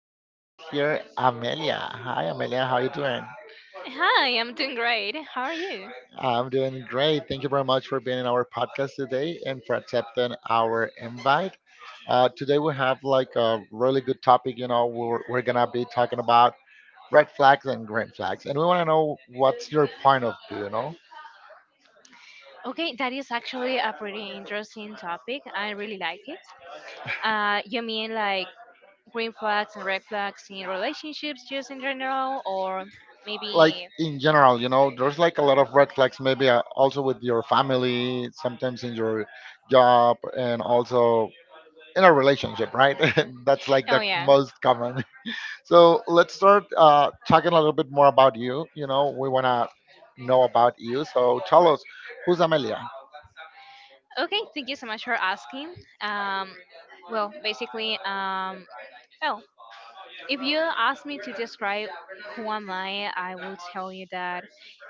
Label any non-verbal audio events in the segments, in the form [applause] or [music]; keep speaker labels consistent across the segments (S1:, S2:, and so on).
S1: special guest here, Amelia. Hi, Amelia. How you doing?
S2: Hi, I'm doing great. How are you?
S1: I'm doing great. Thank you very much for being in our podcast today and for accepting our invite. Today we have like a really good topic. You know, we're gonna be talking about red flags and green flags, and we want to know what's your point of view. You know,
S2: Okay, that is actually a pretty interesting topic. I really like it. You mean like green flags and red flags in relationships just in general, or
S1: like
S2: maybe?
S1: in general, you know, there's like a lot of red flags. Maybe also with your family, sometimes in your job, and also in a relationship, right? [laughs] That's like the
S2: Oh yeah.
S1: most common. [laughs] So let's start talking a little bit more about you. You know, we want to know about you. So tell us, who's Amelia?
S2: Okay, thank you so much for asking. Um, well, basically, well, if you ask me to describe who am I will tell you that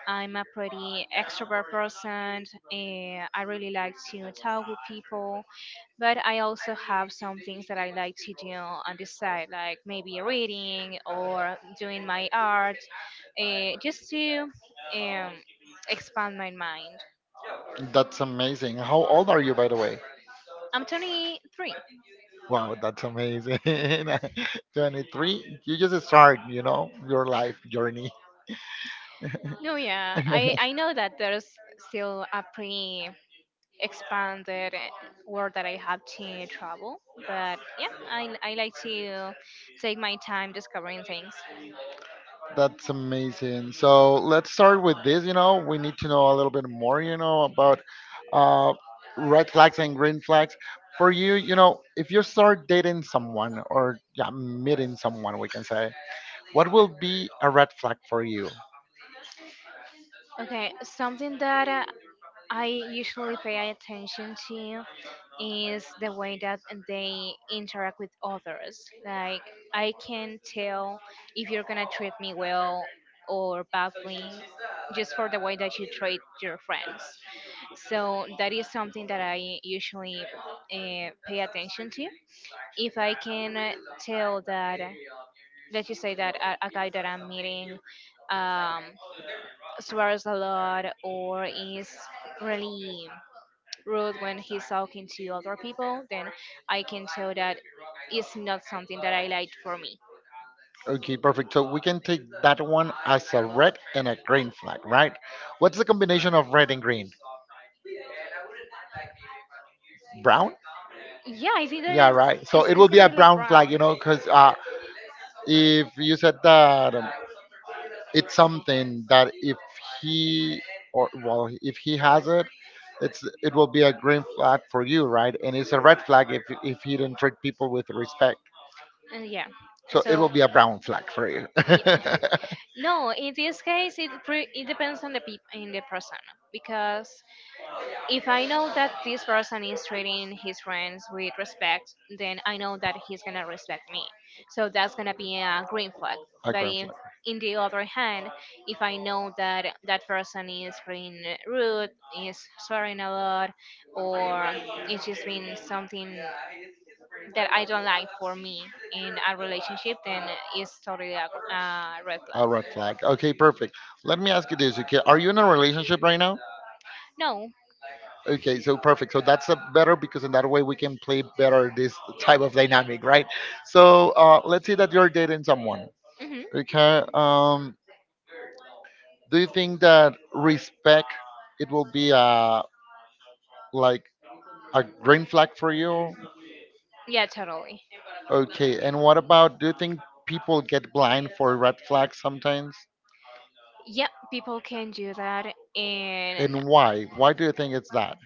S2: I'm a pretty extrovert person. And I really like to talk with people, but I also have some things that I like to do on the side, like maybe reading or doing my art, just to um, expand my mind.
S1: That's amazing. How old are you, by the way?
S2: I'm 23.
S1: Wow, that's amazing. [laughs] 23. You just start, you know, your life journey.
S2: No, yeah, I,
S1: [laughs]
S2: I know that there's still a pretty expanded world that I have to travel, but yeah, I like to take my time discovering things.
S1: That's amazing. So let's start with this. You know, we need to know a little bit more. You know about uh, red flags and green flags. For you, you know, if you start dating someone or yeah, meeting someone, we can say, what will be a red flag for you?
S2: Okay, something that I usually pay attention to is the way that they interact with others. Like, I can tell if you're gonna treat me well or badly just for the way that you treat your friends. So that is something that I usually pay attention to. If I can tell that, let's just say that a guy that I'm meeting um, swears a lot or is really rude when he's talking to other people, then I can tell that it's not something that I like for me.
S1: Okay, perfect. So we can take that one as a red and a green flag, right? What's the combination of red and green? Brown?
S2: Yeah, I think that
S1: Yeah,
S2: is
S1: right. So
S2: it's,
S1: it
S2: it's
S1: will be
S2: gonna
S1: a
S2: be like
S1: brown flag,
S2: brown.
S1: you know, because if you said that it's something that if he or well, if he has it, it will be a green flag for you, right? And it's a red flag if you don't treat people with respect.
S2: Yeah.
S1: So it
S2: So
S1: will be a brown flag for you. [laughs] a
S2: no, in this case, it depends on the in the person because if I know that this person is treating his friends with respect, then I know that he's gonna respect me. So that's gonna be a green flag. But
S1: green
S2: if,
S1: flag.
S2: in the other hand, if I know that that person is being rude, is swearing a lot, or it's just been something that I don't like for me in a relationship, then it's totally a, a red
S1: A
S2: flag.
S1: red flag. Okay, perfect. Let me ask you this, okay? Are you in a relationship right now?
S2: No.
S1: Okay, so perfect. So that's a better because in that way we can play better this type of dynamic, right? So let's say that you're dating someone.
S2: Mm-hmm.
S1: Okay. Do you think that respect it will be a like a green flag for you?
S2: Yeah, totally.
S1: Okay, and what about do you think people get blind for red flags sometimes?
S2: Yep, people can do that, and
S1: And why? Why do you think it's that?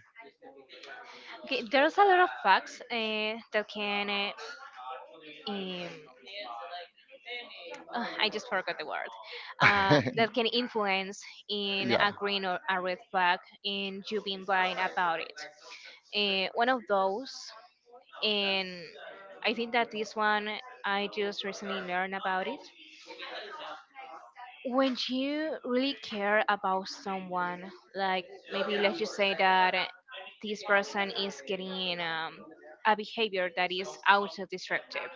S2: okay, there's a lot of facts that um, I just forgot the word, that can
S1: [laughs]
S2: influence in
S1: yeah.
S2: a green or a red flag, and you being blind about it. One of those, and I think that this one I just recently learned about it. When you really care about someone, like maybe let's just say that this person is getting a behavior that is auto destructive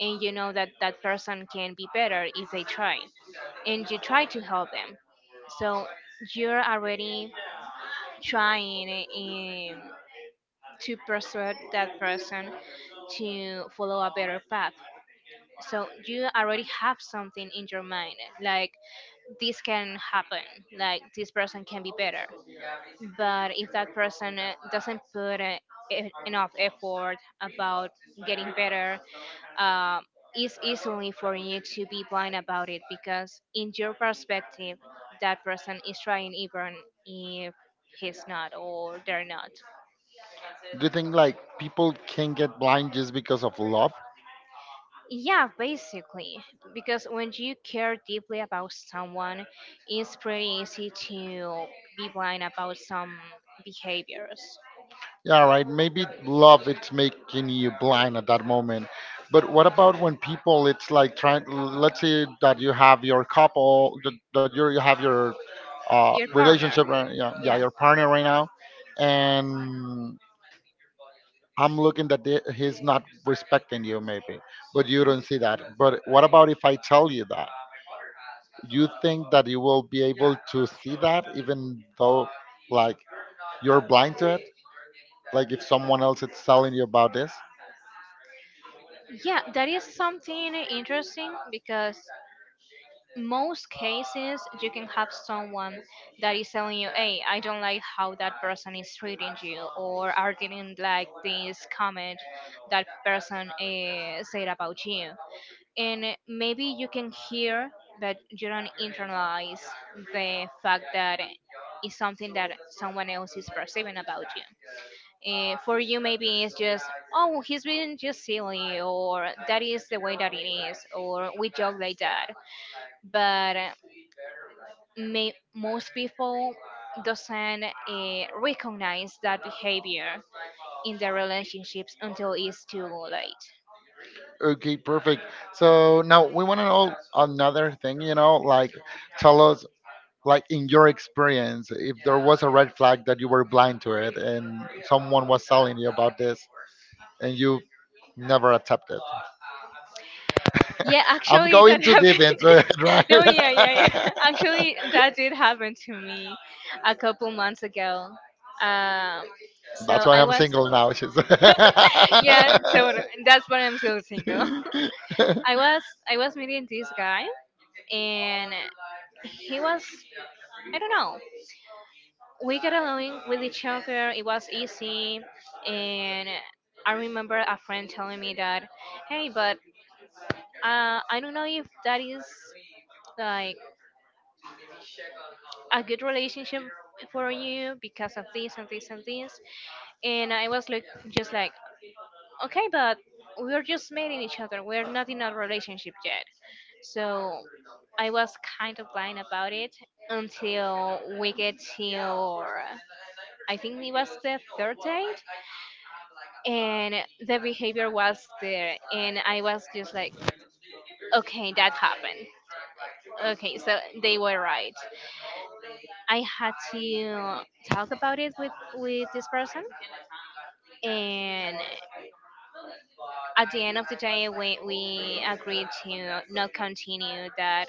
S2: and you know that that person can be better if they try and you try to help them, so you're already trying um, to persuade that person to follow a better path. So you already have something in your mind, like this can happen, like this person can be better. But if that person doesn't put enough effort about getting better, uh, it's easily for you to be blind about it because in your perspective that person is trying, even if he's not or they're not.
S1: Do you think like people can get blind just because of love?
S2: Yeah, basically, because when you care deeply about someone, it's pretty easy to be blind about some behaviors.
S1: Yeah, right. Maybe love it's making you blind at that moment. But what about when people it's like trying, let's say that you have your couple that you're, you have your
S2: Your partner.
S1: relationship right? Yeah, yeah,
S2: Yeah.
S1: your partner right now, and I'm looking that he's not respecting you, maybe, but you don't see that. But what about if I tell you that? You think that you will be able to see that, even though, like, you're blind to it? Like, if someone else is telling you about this?
S2: Yeah, that is something interesting because most cases you can have someone that is telling you, "Hey, I don't like how that person is treating you," or, "I didn't like this comment that person said about you," and maybe you can hear, but you don't internalize the fact that it's something that someone else is perceiving about you. For you, maybe it's just, oh, he's being just silly, or that is the way that it is, or we joke like that. But most people doesn't recognize that behavior in their relationships until it's too late.
S1: Okay, perfect. So now we want to know another thing, you know, like, tell us, like, in your experience, if there was a red flag that you were blind to it and someone was telling you about this and you never accepted.
S2: Yeah,
S1: I'm
S2: actually,
S1: going
S2: that
S1: too deep
S2: happened.
S1: into it, [laughs] right?
S2: [laughs] No, yeah, yeah, yeah. [laughs] Actually, that did happen to me a couple months ago. Um,
S1: That's
S2: so
S1: why
S2: I
S1: I'm
S2: was,
S1: single now. She's [laughs]
S2: [laughs] yeah. So that's why I'm still single. I was I was meeting this guy, and he was, I don't know. We got along with each other. It was easy, and I remember a friend telling me that, hey, but I don't know if that is like a good relationship for you because of this and this and this. And I was like, just like, okay, but we're just meeting each other. We're not in a relationship yet. So I was kind of blind about it until we get to, I think it was the third date, and the behavior was there, and I was just like, okay, that happened. Okay, so they were right. I had to talk about it with this person, and at the end of the day, we agreed to not continue that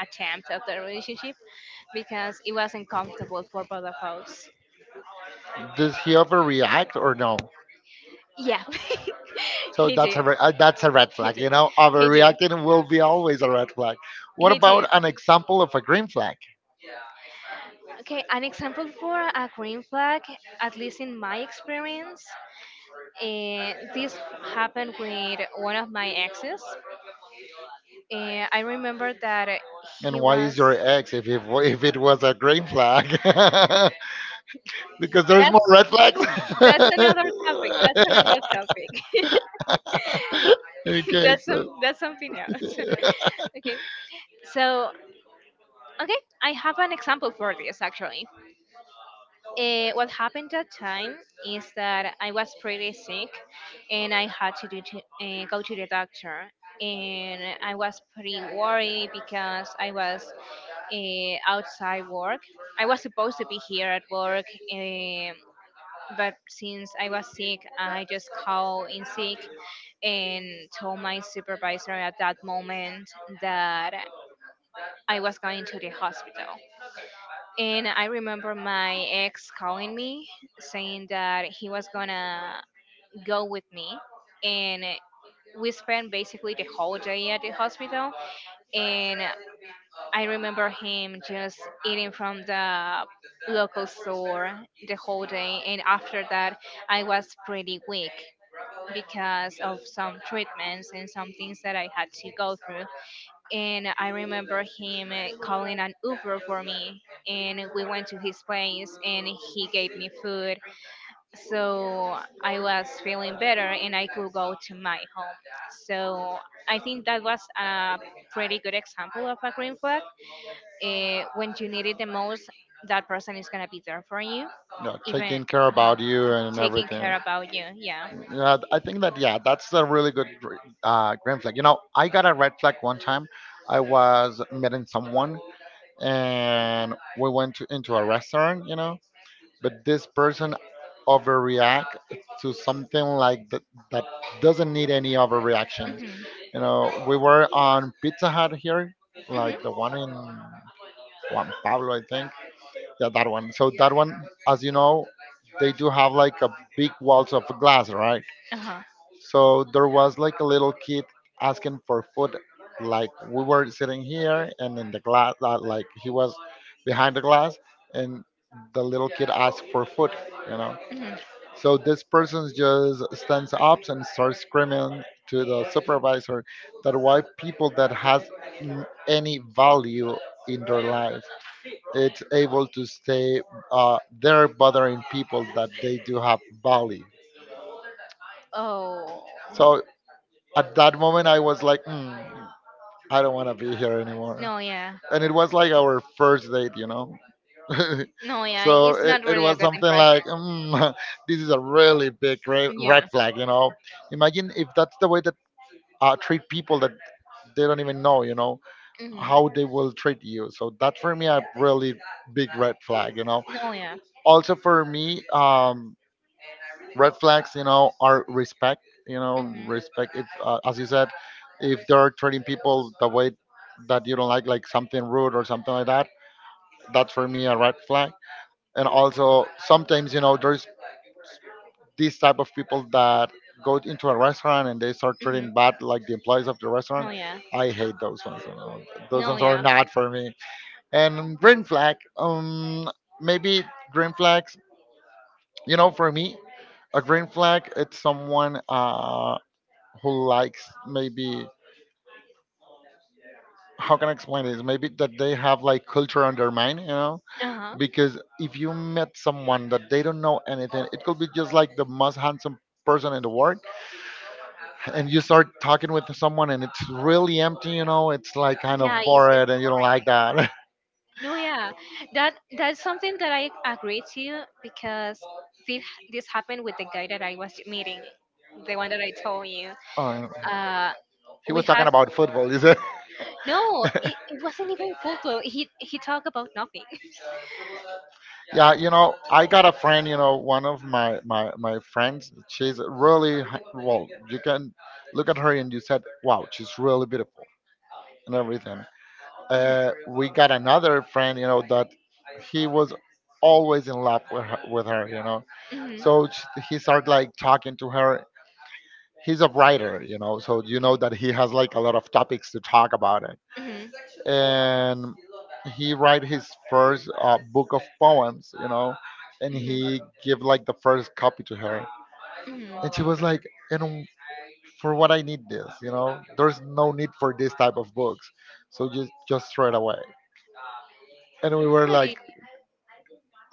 S2: attempt of the relationship because it wasn't comfortable for both of us.
S1: Does he overreact or no?
S2: Yeah, [laughs]
S1: So
S2: he
S1: that's
S2: did.
S1: that's a red
S2: He
S1: flag.
S2: did.
S1: You know,
S2: He did.
S1: overreacting will be always a red flag. What
S2: He did.
S1: about an example of a green flag?
S2: Okay, an example for a green flag, at least in my experience, this happened with one of my exes. I remember that
S1: And
S2: he
S1: why is
S2: was.
S1: your ex if it was a green flag? [laughs] Because there's more
S2: That's
S1: red flags.
S2: another topic. That's another topic.
S1: [laughs]
S2: [laughs]
S1: Okay,
S2: That's some,
S1: so
S2: that's something else.
S1: [laughs]
S2: [laughs] Okay. So okay, I have an example for this actually. What happened that time is that I was pretty sick, and I had to go to the doctor. And I was pretty worried because I was outside work. I was supposed to be here at work, but since I was sick, I just called in sick and told my supervisor at that moment that I was going to the hospital. And I remember my ex calling me saying that he was gonna go with me. And we spent basically the whole day at the hospital. And I remember him just eating from the local store the whole day. And after that, I was pretty weak because of some treatments and some things that I had to go through, and I remember him calling an Uber for me. And we went to his place and he gave me food. So I was feeling better and I could go to my home. So I think that was a pretty good example of a green flag. When you need it the most, that person is going to be there for you,
S1: yeah,
S2: even
S1: taking care
S2: uh
S1: about you and
S2: taking
S1: everything.
S2: care about you. Yeah.
S1: Yeah, I think that yeah, that's a really good green flag. You know, I got a red flag one time. I was meeting someone and we went to, into a restaurant. You know, but this person overreact to something like that that doesn't need any overreactions.
S2: Mhm.
S1: You know, we were on Pizza Hut here, like the one in Juan Pablo, I think. Yeah, that one. So that one, as you know, they do have like a big walls of glass, right?
S2: Uh-huh.
S1: So there was like a little kid asking for food. Like we were sitting here, and in the glass, like he was behind the glass, and the little kid asked for food. You know, so this person just stands up and starts screaming to the supervisor that why people that has any value in their life it's able to stay there bothering people that they do have value.
S2: Oh.
S1: So at that moment, I was like, "Mm, I don't want to be here anymore."
S2: No, yeah.
S1: And it was like our first date, you know? [laughs]
S2: No,
S1: So it,
S2: not
S1: it was something like, mm, [laughs] this is a really big red flag, you know? Imagine if that's the way that treat people that they don't even know, you know,
S2: hmm.
S1: how they will treat you. So that's for me a really big red flag, you know? Also for me, red flags, you know, are respect. You know, respect. If, as you said, if they're treating people the way that you don't like something rude or something like that, that's for me a red flag. And also, sometimes you know, there's these type of people that go into a restaurant and they start
S2: Hmm.
S1: treating bad like the employees of the
S2: No,
S1: restaurant.
S2: yeah.
S1: I hate those ones, you know. Those
S2: No,
S1: ones are
S2: yeah.
S1: not for me. And green flag, maybe green flags, you know, for me, a green flag it's someone who likes, maybe, how can I explain this? Maybe that they have like culture on their mind, you know.
S2: Uh huh.
S1: Because if you met someone that they don't know anything, it could be just like the most handsome person in the world, and you start talking with someone and it's really empty, you know. It's like kind of
S2: Yeah, it's
S1: bored, and you don't
S2: boring.
S1: like that. [laughs]
S2: No, yeah. That that's something that I agree to because this this happened with the guy that I was meeting, the one that I told you.
S1: Oh,
S2: Uh,
S1: he
S2: we
S1: was
S2: had
S1: talking about football, is it?
S2: no. It wasn't even folklore. He talked about nothing.
S1: Yeah, you know, I got a friend, you know, one of my friends. She's really well, you can look at her and you said, wow, she's really beautiful and everything. We got another friend, you know, that he was always in love with her, you know.
S2: [laughs] Hmm.
S1: So sh He started like talking to her. He's a writer, you know, so you know that he has like a lot of topics to talk about it.
S2: Hmm.
S1: And he write his first book of poems, you know, and
S2: Mhm.
S1: he give like the first copy to her,
S2: Mhm.
S1: and she was like, "And for what I need this, you know? There's no need for this type of books, so just throw it away." And we were like,
S2: Really?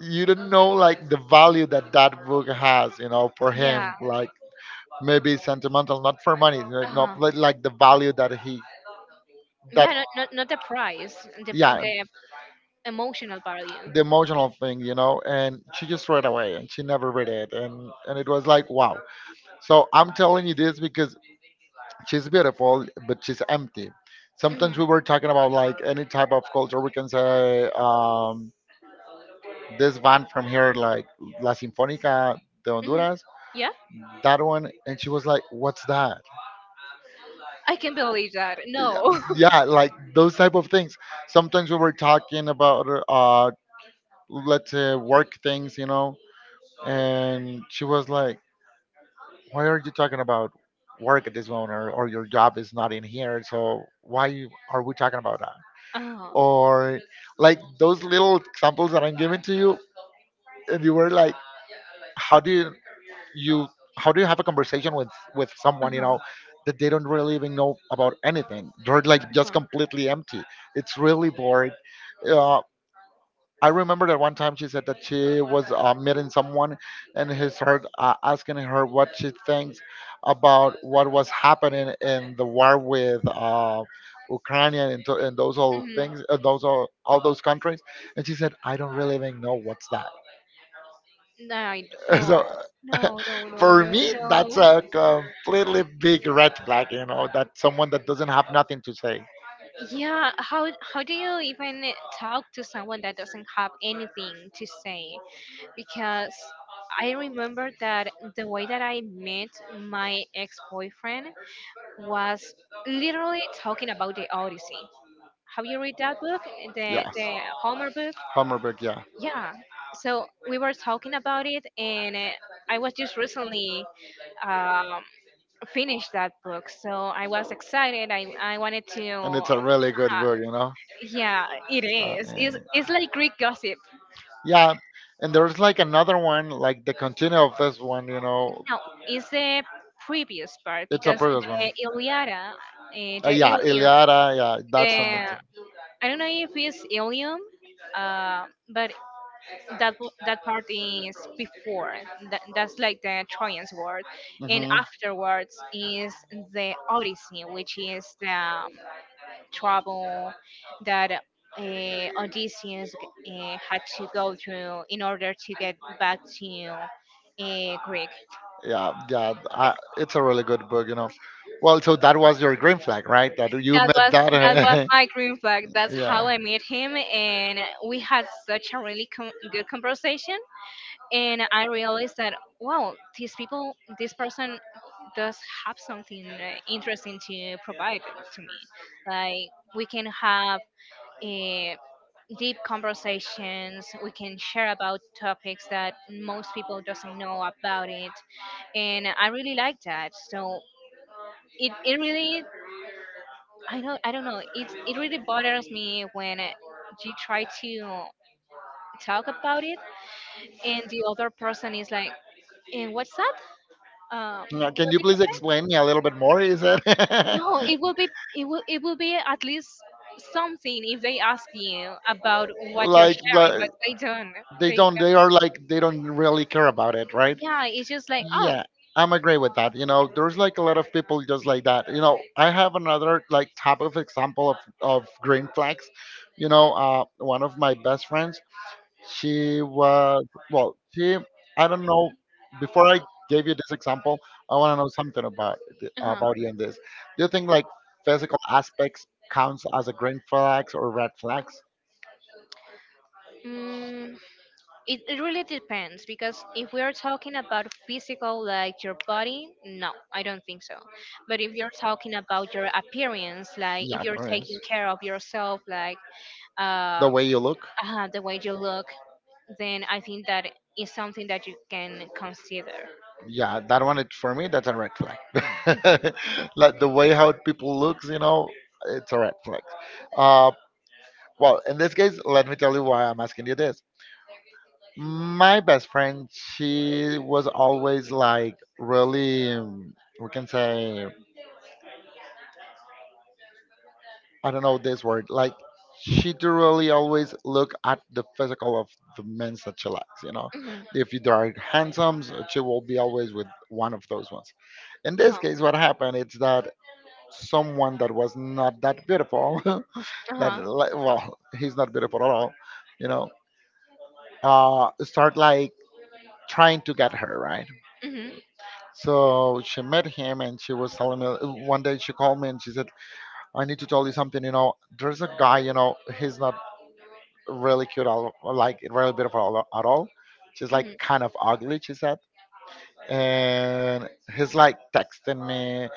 S1: "You don't know like the value that that book has, you know, for
S2: Yeah.
S1: him. Like maybe sentimental, not for money, you know,
S2: Uh-huh.
S1: not like the value that he that."
S2: Yeah, not the price,
S1: Yeah,
S2: the emotional value.
S1: the emotional thing, you know, and she just read away and she never read it. And it was like, wow. So I'm telling you this because she's beautiful, but she's empty. Sometimes
S2: Hmm.
S1: we were talking about like any type of culture. We can say this band from here, like La Sinfónica de
S2: Hmm.
S1: Honduras,
S2: Yeah,
S1: that one. And she was like, what's that?
S2: I can believe that.
S1: Yeah,
S2: No. [laughs]
S1: yeah, like those type of things. Sometimes we were talking about let's say work things, you know. And she was like, "Why are you talking about work at this moment, or your job is not in here? So why you- are we talking about that?"
S2: Uh-huh.
S1: Or like those little examples that I'm giving to you, and you were like, "How do you you how do you have a conversation with someone you know that they don't really even know about anything? They're like
S2: Uh-huh.
S1: just completely empty. It's really bored.
S2: Uh-huh.
S1: uh, I remember that one time she said that she was meeting someone, and he started asking her what she thinks about what was happening in the war with Ukraine and those all
S2: Mhm.
S1: things, all those countries. And she said, 'I don't really even know what's that.'" [laughs]
S2: No,
S1: So
S2: no, no, no,
S1: for
S2: no,
S1: me, that's
S2: no.
S1: a completely big red flag. You know, that someone that doesn't have nothing to say.
S2: Yeah, how do you even talk to someone that doesn't have anything to say? Because I remember that the way that I met my ex-boyfriend was literally talking about the Odyssey. Have you read that book,
S1: Yes,
S2: the Homer book?
S1: Hummerberg. Yeah.
S2: Yeah. So we were talking about it, and I was just recently. um, finish that book. So I was excited. I wanted to.
S1: And it's a really good
S2: Uh-huh.
S1: book, you know.
S2: Yeah, it
S1: Uh,
S2: is.
S1: eh,
S2: It's like Greek gossip.
S1: yeah, and there's like another one, like the continue of this one, you know.
S2: Now, it's the previous part
S1: It's a
S2: because
S1: previous
S2: the
S1: one.
S2: Iliada, the
S1: Yeah,
S2: Ilium,
S1: Iliada. Yeah,
S2: the.
S1: that's one. That's
S2: I don't know if it's Ilium, uh, but that part is before. That's like the Trojan's War. And
S1: hmm.
S2: afterwards is the Odyssey, which is the trouble that Odysseus had to go through in order to get back to Greek.
S1: Yeah, yeah.
S2: Okay.
S1: It's a really good book, you know. Well, so that was your green flag, right? That you
S2: That
S1: met
S2: was that was
S1: that.
S2: my green flag.
S1: [laughs]
S2: That's
S1: Yeah.
S2: how I met him, and we had such a really good conversation. And I realized that wow, this person does have something interesting to provide to me. Like we can have. Uh, deep conversations, we can share about topics that most people doesn't know about it, and I really like that. So it really, I don't, I don't know, it really bothers me when you try to talk about it and the other person is like, "And what's that?
S1: Now, can
S2: What
S1: you
S2: did you
S1: please
S2: say?"
S1: explain me a little bit more? Is it [laughs]
S2: No, it will be, it will be at least something if they ask you about what you're sharing, but
S1: like
S2: they don't.
S1: they
S2: They
S1: don't, they are like they don't really care about it, right?
S2: Yeah, it's just like, oh.
S1: Yeah, I'm agree with that. You know, there's like a lot of people just like that. You know, I have another like type of example of green flags. You know, one of my best friends, she was well, she I don't know. Before I gave you this example, I want to know something about
S2: Uh-huh.
S1: about you on this. Do you
S2: Just
S1: think like physical
S2: physical.
S1: aspects counts as a green flags or red flags?
S2: Mm, it really depends because if we are talking about physical, like your body, no, I don't think so. But if you're talking about your appearance, like
S1: Yeah,
S2: if you're
S1: appearance,
S2: taking care of yourself, like
S1: the
S2: uh, The
S1: way
S2: way
S1: you look.
S2: the way you look, then I think that is something that you can consider.
S1: Yeah, that one it, for me that's a red flag. [laughs] like the way how people looks, you know, it's a red flag. Uh, well, in this case, let me tell you why I'm asking you this. My best friend, she was always like
S2: Well,
S1: really, we can say I don't know this word. Like she do really always look at the physical of the men that she likes. You know,
S2: Mhm.
S1: if you are handsome, she will be always with one of those ones. In this
S2: Uh-huh.
S1: case, what happened is that someone that was not that beautiful, [laughs] that
S2: Uh-huh.
S1: well, he's not beautiful at all. You know, start like trying to get her right.
S2: Hmm.
S1: So she met him, and she was telling me one day she called me and she said, "I need to tell you something. You know, there's a guy. You know, he's not really cute, all like really beautiful all, at all. She's
S2: Hmm. Hmm.
S1: like kind
S2: Hmm.
S1: of ugly," she said. "And he's like texting me.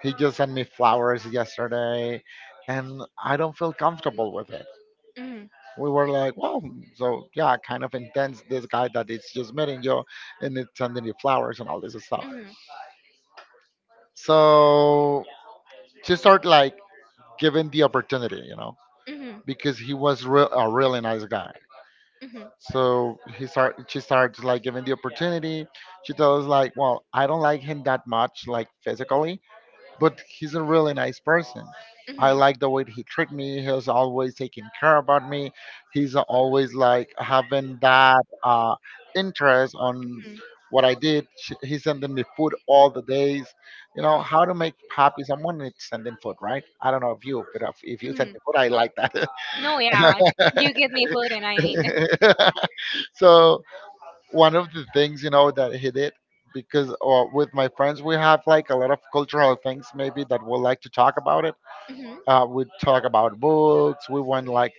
S1: He just sent me flowers yesterday, and I don't feel comfortable with it." We were like, well, so yeah, kind of intense. This guy that is just meeting you and it's sending you flowers and all this stuff. So she started like giving the opportunity, you know,
S2: Hmm.
S1: because he was real a really nice guy.
S2: Hmm.
S1: So he start she starts like giving the opportunity. She tells like, well, I don't like him that much, like physically, but he's a really nice person.
S2: Hmm.
S1: I
S2: Hmm.
S1: like the way he treat me. He's always taking care about me. He's always like having that interest on what I did. He's sending me food all the days. You know how to make happy someone is sending food, right? I don't know if you, but if you send
S2: Mhm.
S1: me food, I like
S2: No, yeah, you give me food and I mean.
S1: that. [laughs] So one of the things you know that he did, because with my friends we have like a lot of cultural things maybe that we like to talk about it.
S2: Mhm.
S1: We talk about books, we went like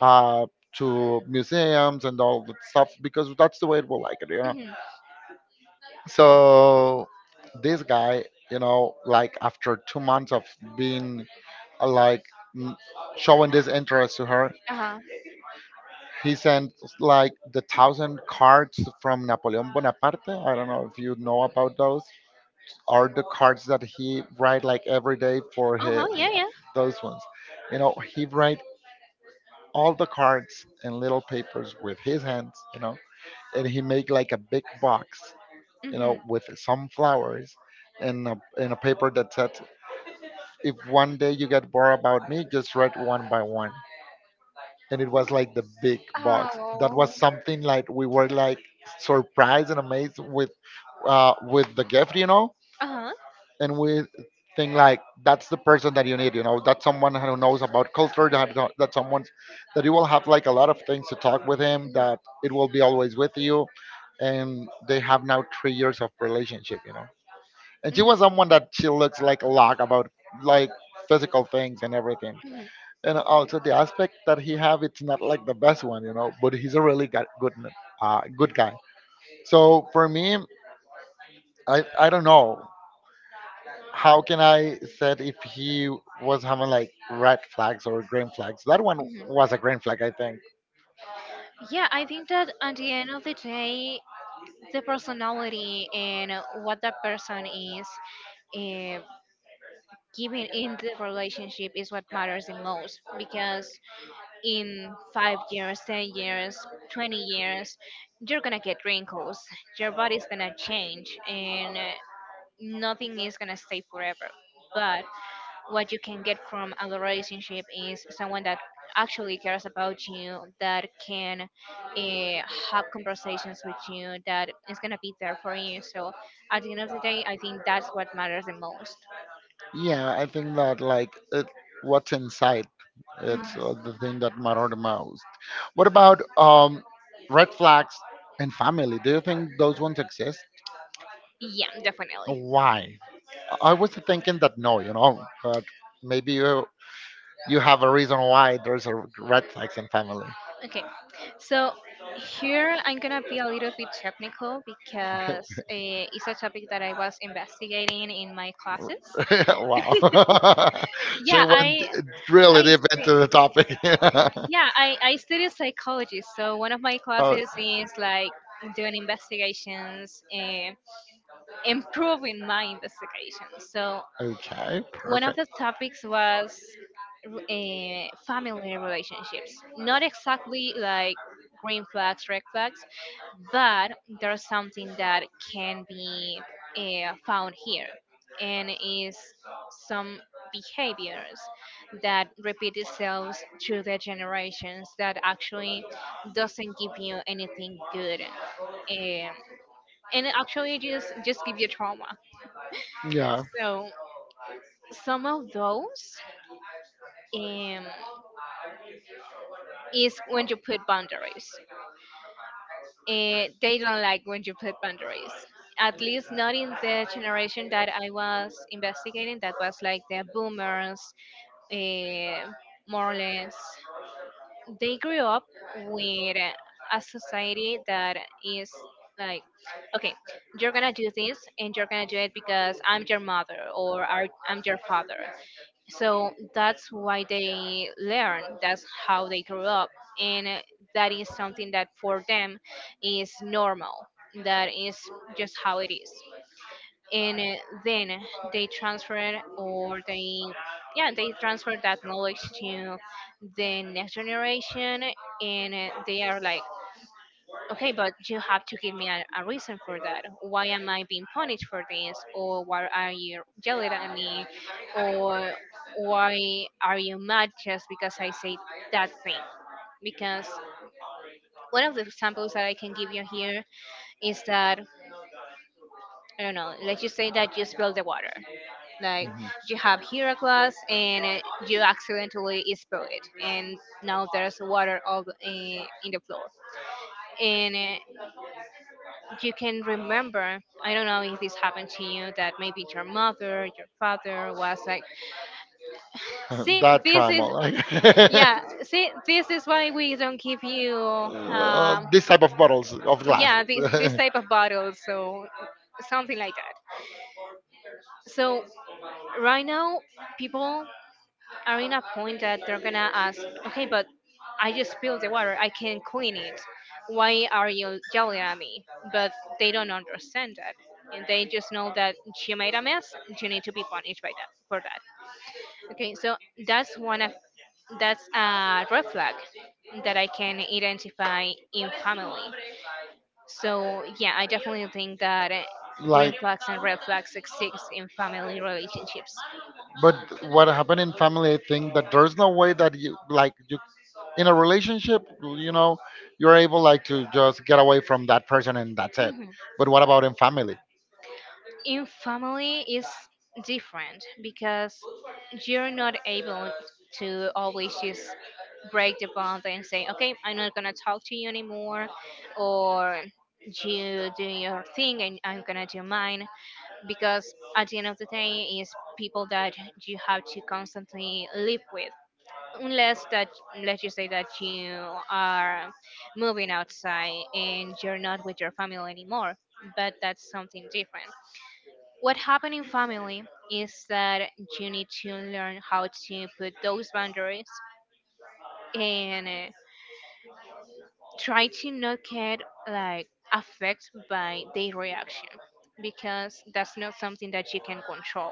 S1: uh, to museums and all that stuff, because that's the way we like it, you know.
S2: Mhm.
S1: So this guy, you know, like after 2 months of being like m- showing this interest to her,
S2: Uh-huh.
S1: he sent like the thousand cards from Napoleon Bonaparte. I don't know if you know about those. Are the cards that he write like every day for his,
S2: Uh-huh. Yeah, yeah.
S1: those ones. You know, he write all the cards in little papers with his hands. You know, and he make like a big box. You know,
S2: Mhm.
S1: with some flowers. And a paper that said, if one day you get bored about me, just write one by one. And it was like the big box. That was
S2: Oh.
S1: something like we were like surprised and amazed with with the gift, you know.
S2: Uh-huh.
S1: And we think like that's the person that you need, you know, that's someone who knows about culture, that someone that you will have like a lot of things to talk with him, that it will be always with you. And they have now 3 years of relationship, you know. And she
S2: Mhm.
S1: was
S2: Mhm.
S1: someone that she looks like a lot about like physical things and everything.
S2: Mhm.
S1: And also the aspect that he have, it's not like the best one, you know, but he's a really good guy. So for me, I don't know how can I said if he was having like red flags or green flags? That one
S2: Mhm.
S1: was a green flag, I think.
S2: Yeah, I think that at the end of the day, the personality and what that person is uh, giving in the relationship is what matters the most because in 5 years, 10 years, 20 years, you're gonna get wrinkles, your body's gonna change, and nothing is gonna stay forever. But what you can get from a relationship is someone that actually cares about you, that can have conversations with you, that is going to be there for you. So at the end of the day, I think that's what matters the most.
S1: Yeah, I think that like it, what's inside,
S2: Mhm.
S1: it's the thing that matter the most. What about red flags in family? Do you think those ones exist?
S2: Yeah, definitely.
S1: Why? I was thinking that no, you know, but maybe you have a reason why there's a red flags in family.
S2: Okay, so here I'm going to be a little bit technical because it's a topic that I was investigating in my classes.
S1: [laughs] Wow. [laughs] She
S2: yeah
S1: went
S2: i
S1: really
S2: i
S1: deep
S2: study
S1: into the topic.
S2: Yeah, I study psychology, so one of my
S1: [laughs] Oh.
S2: classes is like doing investigations and improving my investigations. So
S1: Okay,
S2: one of
S1: perfect.
S2: the topics was family relationships. Not exactly like green flags, red flags, but there's something that can be found here, and is some behaviors that repeat itself through the generations that actually doesn't give you anything good, and actually just give you trauma.
S1: Yeah.
S2: So some of those, um, is when you put boundaries. Eh, they don't like when you put boundaries. At least not in the generation that I was investigating, that was like the boomers, eh, more or less. They grew up with a society that is like, okay, you're gonna do this, and you're gonna do it because I'm your mother or I'm your father. So that's why they learn, that's how they grew up. And that is something that for them is normal, that is just how it is. And then they transfer, or they, yeah, they transfer that knowledge to the next generation. And they are like, okay, but you have to give me a reason for that. Why am I being punished for this? Or why are you yelling at me? Or why are you mad just because I say that thing? Because one of the examples that I can give you here is that, I don't know, let's just say that you spill the water. Like,
S1: Mhm.
S2: you have here a glass, and you accidentally spill it. And now there's water all, in the floor. And you can remember, I don't know if this happened to you, that maybe your mother, your father was like,
S1: [laughs]
S2: see,
S1: That
S2: this
S1: trauma,
S2: is,
S1: like [laughs]
S2: yeah, see, this is why we don't give you, um,
S1: this type of bottles of glass,
S2: yeah, this
S1: [laughs]
S2: type of bottles. So something like that. So right now people are in a point that they're gonna ask, okay, but I just spilled the water. I can clean it. Why are you yelling at me? But they don't understand that. And they just know that she made a mess. You need to be punished by that, for that. Okay, so that's one of, that's a red flag that I can identify in family. So yeah, I definitely think that eh, green
S1: like.
S2: flags and red flags exist in family relationships.
S1: But what happened in family, I think that there's no way that you like you in a relationship, you know, you're able like to just get away from that person and that's it.
S2: Mhm.
S1: But what about in family?
S2: In family is different because you're not able to always just break the bond and say, okay, I'm not gonna talk to you anymore, or you do your thing and I'm gonna do mine. Because at the end of the day, is people that you have to constantly live with. Unless that, let's just say that you are moving outside and you're not with your family anymore, but that's something different. What happened in family is that you need to learn how to put those boundaries, and try to not get, like, affected by their reaction, because that's not something that you can control.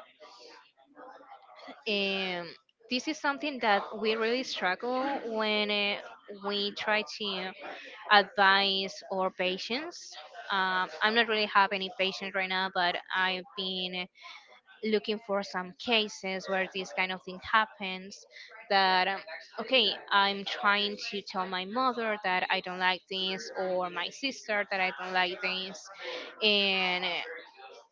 S2: And this is something that we really struggle when we try to advice or patience. I'm not really have any patience right now, but I've been looking for some cases where this kind of thing happens. That, okay, I'm trying to tell my mother that I don't like this, or my sister that I don't like this, and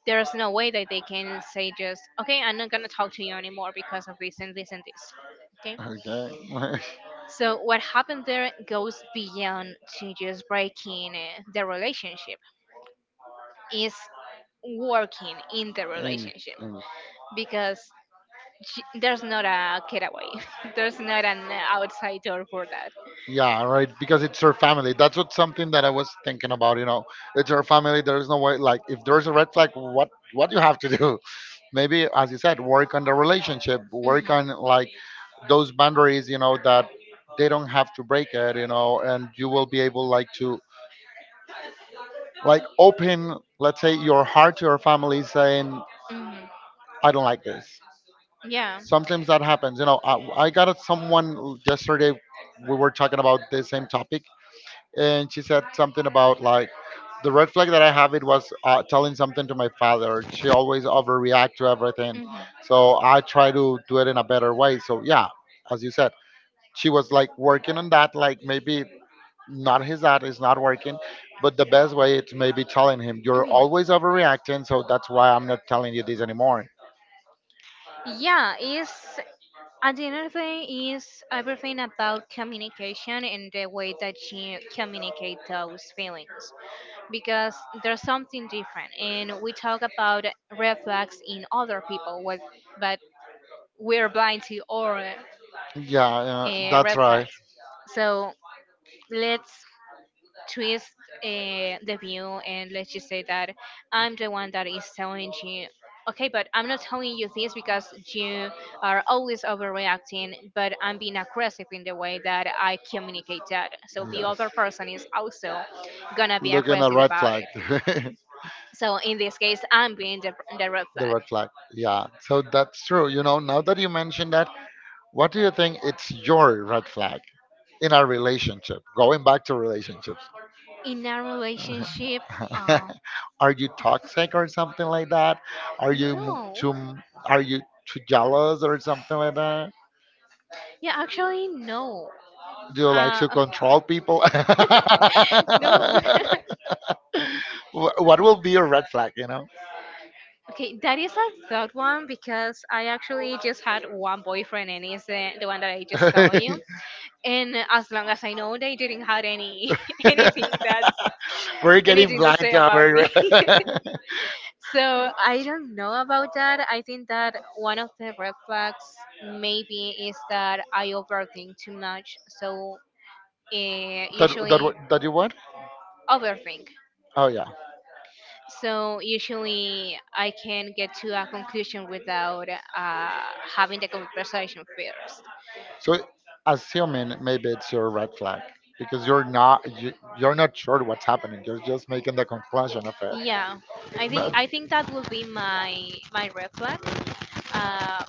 S2: there's no way that they can say just okay, I'm not gonna talk to you anymore because of this and this and this. Okay?
S1: Okay. [laughs]
S2: So what happened there goes beyond to just breaking the relationship. It's working in the
S1: and,
S2: relationship,
S1: and
S2: because there's not a getaway. [laughs] There's not an outside door for that.
S1: Yeah, right. Because it's your family. That's what something that I was thinking about. You know, it's your family. There's no way. Like, if there's a red flag, what you have to do? Maybe, as you said, work on the relationship,
S2: Mhm.
S1: work on like those boundaries, you know, that they don't have to break it, you know. And you will be able like to like open, let's say, your heart to your family saying
S2: Mhm.
S1: I don't like this.
S2: Yeah.
S1: Sometimes that happens, you know. I got someone yesterday, we were talking about the same topic, and she said something about like the red flag that I have, it was telling something to my father. She always overreact to everything,
S2: Mhm.
S1: so I try to do it in a better way. So yeah, as you said, she was like working on that. Like maybe not, his dad is not working, but the best way it's maybe telling him you're always overreacting. So that's why I'm not telling you this anymore.
S2: Life. Yeah, it's at the end of the day, is everything about communication and the way that you communicate those feelings, because there's something different, and we talk about red flags in other people, what, but we're blind to our
S1: Yeah, yeah, that's
S2: red
S1: right.
S2: flags. So let's twist the view and let's just say that I'm the one that is telling you, okay, but I'm not telling you this because you are always overreacting, but I'm being aggressive in the way that I communicate that. So the
S1: Yes,
S2: other person is also gonna be
S1: looking at
S2: aggressive
S1: red
S2: about
S1: flag.
S2: it.
S1: [laughs]
S2: So in this case, I'm being the red
S1: The
S2: flag.
S1: red flag. Yeah, so that's true. You know, now that you mentioned that, what do you think it's your red flag in our relationship? Going back to relationships,
S2: In a relationship, uh,
S1: [laughs] are you toxic or something like that? Are you
S2: no.
S1: are you too jealous or something like that?
S2: Yeah, actually, no.
S1: Do you like to
S2: Uh,
S1: control people? [laughs]
S2: no.
S1: What will be your red flag? You know,
S2: [laughs] Okay, that is a good one because I actually just had one boyfriend, and it's the one that I just told you. And as long as I know, they didn't have any [laughs] anything
S1: [laughs]
S2: that's
S1: we're getting
S2: anything to
S1: blind
S2: say
S1: to
S2: about
S1: our
S2: me.
S1: [laughs]
S2: [laughs] So I don't know about that. I think that one of the red flags maybe is that I overthink too much. So uh, usually
S1: that you want.
S2: overthink.
S1: Oh yeah.
S2: So usually I can get to a conclusion without having the conversation first.
S1: So assuming maybe it's your red flag because you're not sure what's happening. You're just making the conclusion of it.
S2: Yeah, I think
S1: No-
S2: I think that will be my my red flag. Uh,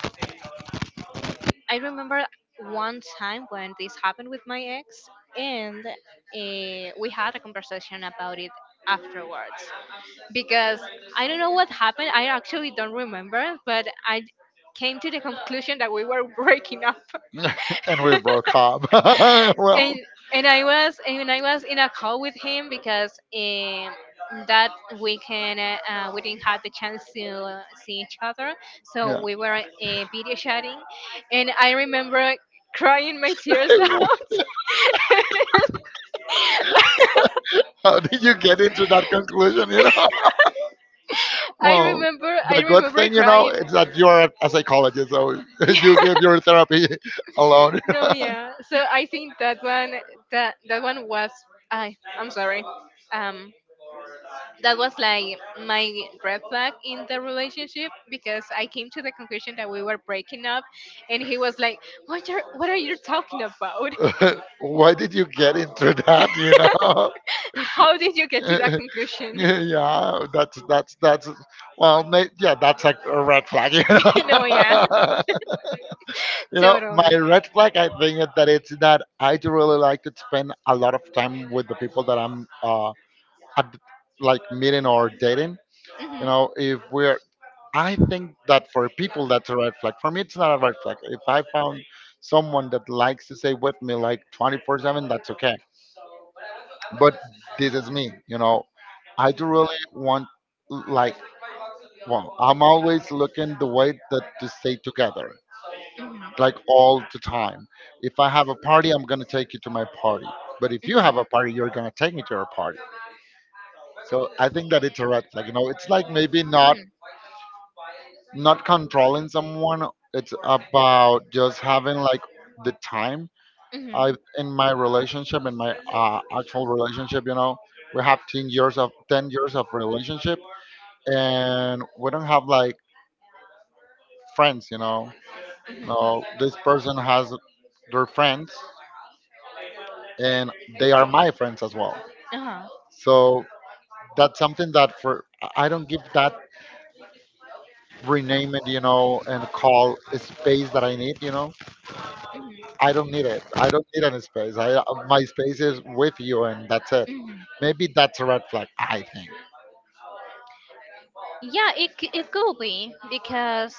S2: I remember one time when this happened with my ex, and we had a conversation about it afterwards, because I don't know what happened. I actually don't remember, but I came to the conclusion that we were breaking up.
S1: [laughs] And we broke up. [laughs] Well,
S2: and and I was in a call with him because that weekend we didn't have the chance to see each other, so
S1: yeah.
S2: we were video chatting, and I remember crying my tears [laughs]
S1: [laughs]
S2: out. [laughs]
S1: How did you get into that conclusion? You know. [laughs]
S2: I
S1: Well,
S2: remember I
S1: the good
S2: remember
S1: thing, you know,
S2: crying.
S1: is that you're a psychologist, so [laughs]
S2: Yeah,
S1: you give your therapy alone.
S2: [laughs] no, yeah. So I think that one, that that one was I'm sorry. Um, that was like my red flag in the relationship, because I came to the conclusion that we were breaking up, and he was like, "What are you talking about?
S1: [laughs] Why did you get into that? You know.
S2: [laughs] How did you get to that
S1: [laughs]
S2: conclusion?"
S1: Yeah, that's well, yeah, that's like a red flag. You
S2: [laughs] No, yeah,
S1: know, [laughs]
S2: [laughs]
S1: you know, my
S2: totally.
S1: red flag. I think that it's that I do really like to spend a lot of time with the people that I'm at, like meeting or dating. You
S2: Mhm,
S1: know, if we're, I think that for people that's a red flag. For me, it's not a red flag. If I found someone that likes to stay with me like 24/7, that's okay. But this is me, you know. I do really want, like, well, I'm always looking the way that to stay together,
S2: mhm,
S1: like all the time. If I have a party, I'm gonna take you to my party. But if you have a party, you're gonna take me to your party. So I think that it's a red flag. You know, it's like maybe not controlling someone. It's about just having like the time. I in my relationship, in my actual relationship, you know, we have 10 years of 10 years of relationship, and we don't have like friends, you know.
S2: mhm, mhm.
S1: No, this person has their friends, and they are my friends as well.
S2: Uh-huh.
S1: So that's something that for I don't give that rename it, you know, and call a space that I need, you know.
S2: Mhm.
S1: I don't need it. I don't need any space. I, my space is with you, and that's it.
S2: Mhm.
S1: Maybe that's a red flag, I think.
S2: Yeah, it could be because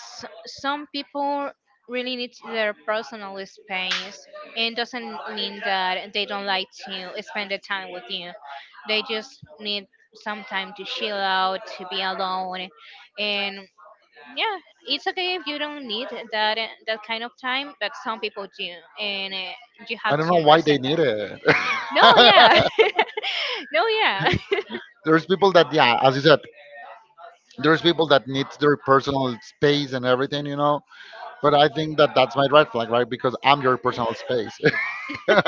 S2: some people really need their personal space, and doesn't mean that they don't like to spend the time with you. They just need some time to chill out, to be alone, and yeah, it's okay if you don't need that that kind of time, but some people do, and you
S1: I
S2: have
S1: don't
S2: to
S1: know why they
S2: understand
S1: need
S2: that.
S1: it.
S2: No, yeah.
S1: [laughs]
S2: [laughs] No, yeah. [laughs]
S1: There's people that, yeah, as you said, there's people that need their personal space and everything, you know. But I think that that's my red flag, right? Because I'm your personal space. [laughs]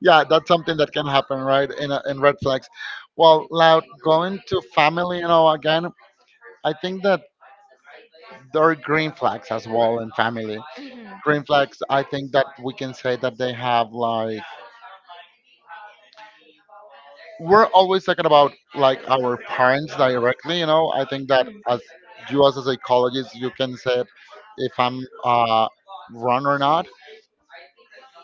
S1: Yeah, that's something that can happen, right? In red flags. Well, now going to family, you know, again, I think that there are green flags as well in family.
S2: Mhm.
S1: Green flags, I think that we can say that they have like, we're always talking about like our parents directly, you know. I think that as you, as a psychologist, you can say if I'm wrong or not.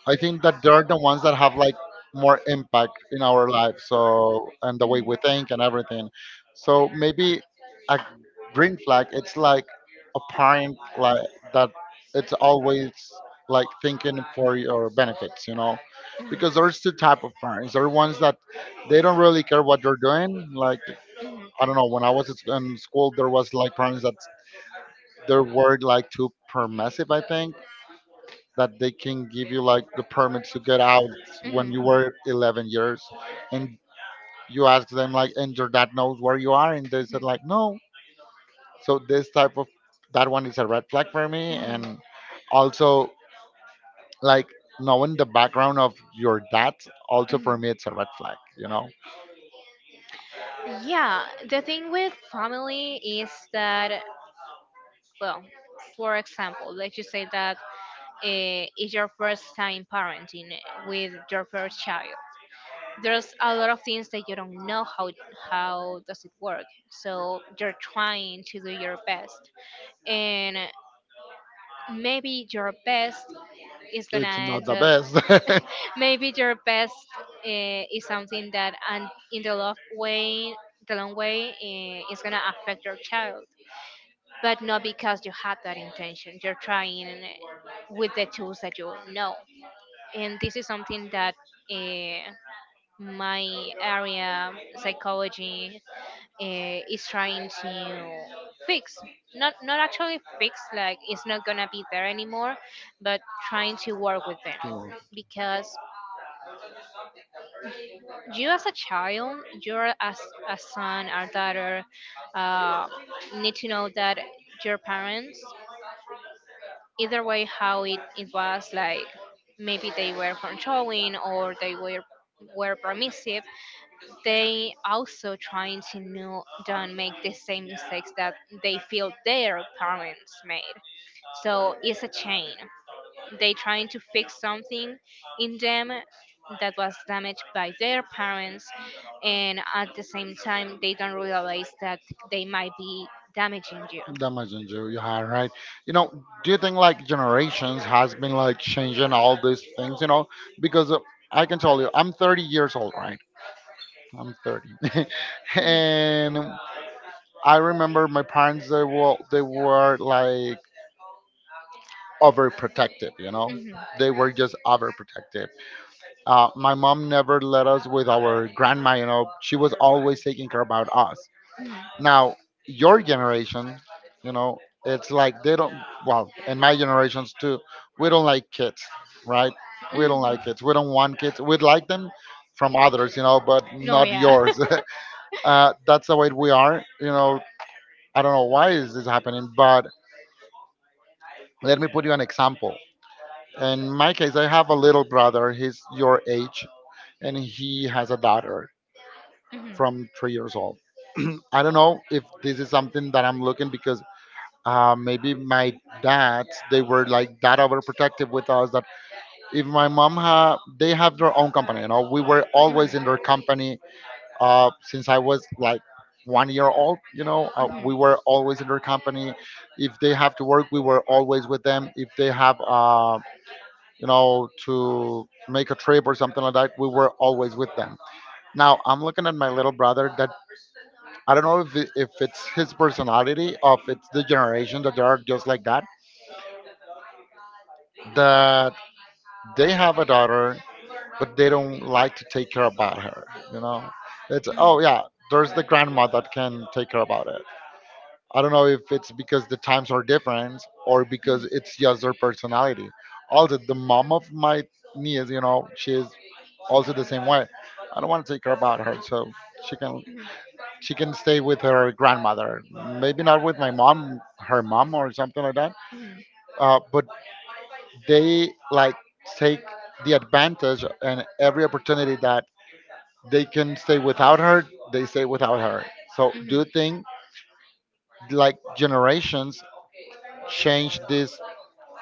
S1: I think that they're the ones that have like more impact in our life, so, and the
S2: Mhm.
S1: way
S2: Mhm.
S1: we think and everything. So maybe a green flag, it's like a parent like that. It's always like thinking for your benefits, you know,
S2: Mhm. Mhm. Mhm.
S1: because there's two type of parents. There are ones that they don't really care what you're doing. Like I don't know, when I was in school, there was like parents that their word like too permissive, I think that they can give you like the permit to get out when you were 11 years, and you ask them like and your dad knows where you are and they said like no. So this type of, that one is a red flag for me,
S2: Mhm.
S1: and also like knowing the background of your dad, also
S2: Mhm.
S1: for
S2: Mhm.
S1: me it's a red flag, you know.
S2: Yeah, the thing with family is that, well, for example, like you say that is your first time parenting with your first child, there's a lot of things that you don't know how does it work, so you're trying to do your best. And maybe your best is gonna
S1: It's not
S2: end
S1: the
S2: up,
S1: best.
S2: maybe your best is something that, and in the long way, the long way is gonna affect your child, but not because you had that intention. You're trying with the tools that you know. And this is something that, uh, my area, psychology, is trying to fix. Not actually fix, like it's not gonna be there anymore, but trying to work with them,
S1: [laughs] to
S2: because you as a child, you're as a son or daughter, uh, need to know that your parents, either way how it, it was like, maybe they were controlling, or they were permissive, they also trying to know, don't make the same mistakes that they feel their parents made. So it's a chain. They trying to fix something in them that was damaged by their parents, and at the same time they don't realize that they might be damaging you.
S1: Damage on you, yeah, right, you know. Do you think like generations has been like changing all these things, you know? Because I can tell you I'm 30 years old, right? I'm 30. [laughs] And I remember my parents, they were like overprotective, you know.
S2: Mhm,
S1: They were just overprotective. My mom never let us with our grandma, you know. She was always taking care about us.
S2: mhm.
S1: Now, your generation, you know, it's like they don't, well, and my generations too, we don't like kids, right? We don't
S2: Mhm.
S1: like kids. We don't want kids. We'd like them from others, you know, but not yours.
S2: [laughs]
S1: [laughs] That's the way we are, you know. I don't know why is this happening, but let me put you an example. In my case, I have a little brother. He's your age, and he has a daughter from 3 years old. I don't know if this is something that I'm looking because maybe my dad they were like that overprotective with us that if my mom ha they have their own company, you know, we were always in their company. Since I was like 1 year old, you know, we were always in their company. If they have to work, we were always with them. If they have to make a trip or something like that, we were always with them. Now I'm looking at my little brother that I don't know if it's his personality or if it's the generation that they are just like that, that they have a daughter, but they don't like to take care about her. You know, it's,
S2: Mhm.
S1: oh yeah, there's the grandma that can take care about it. I don't know if it's because the times are different or because it's just their personality. Also, the mom of my niece, you know, she's also the same way. I don't want to take care about her, so she can she can stay with her grandmother. Maybe not with my mom, her mom or something like that.
S2: Mhm. [laughs]
S1: But they like take the advantage and every opportunity that they can stay without her, they stay without her. So do you
S2: Mhm.
S1: think like generations change this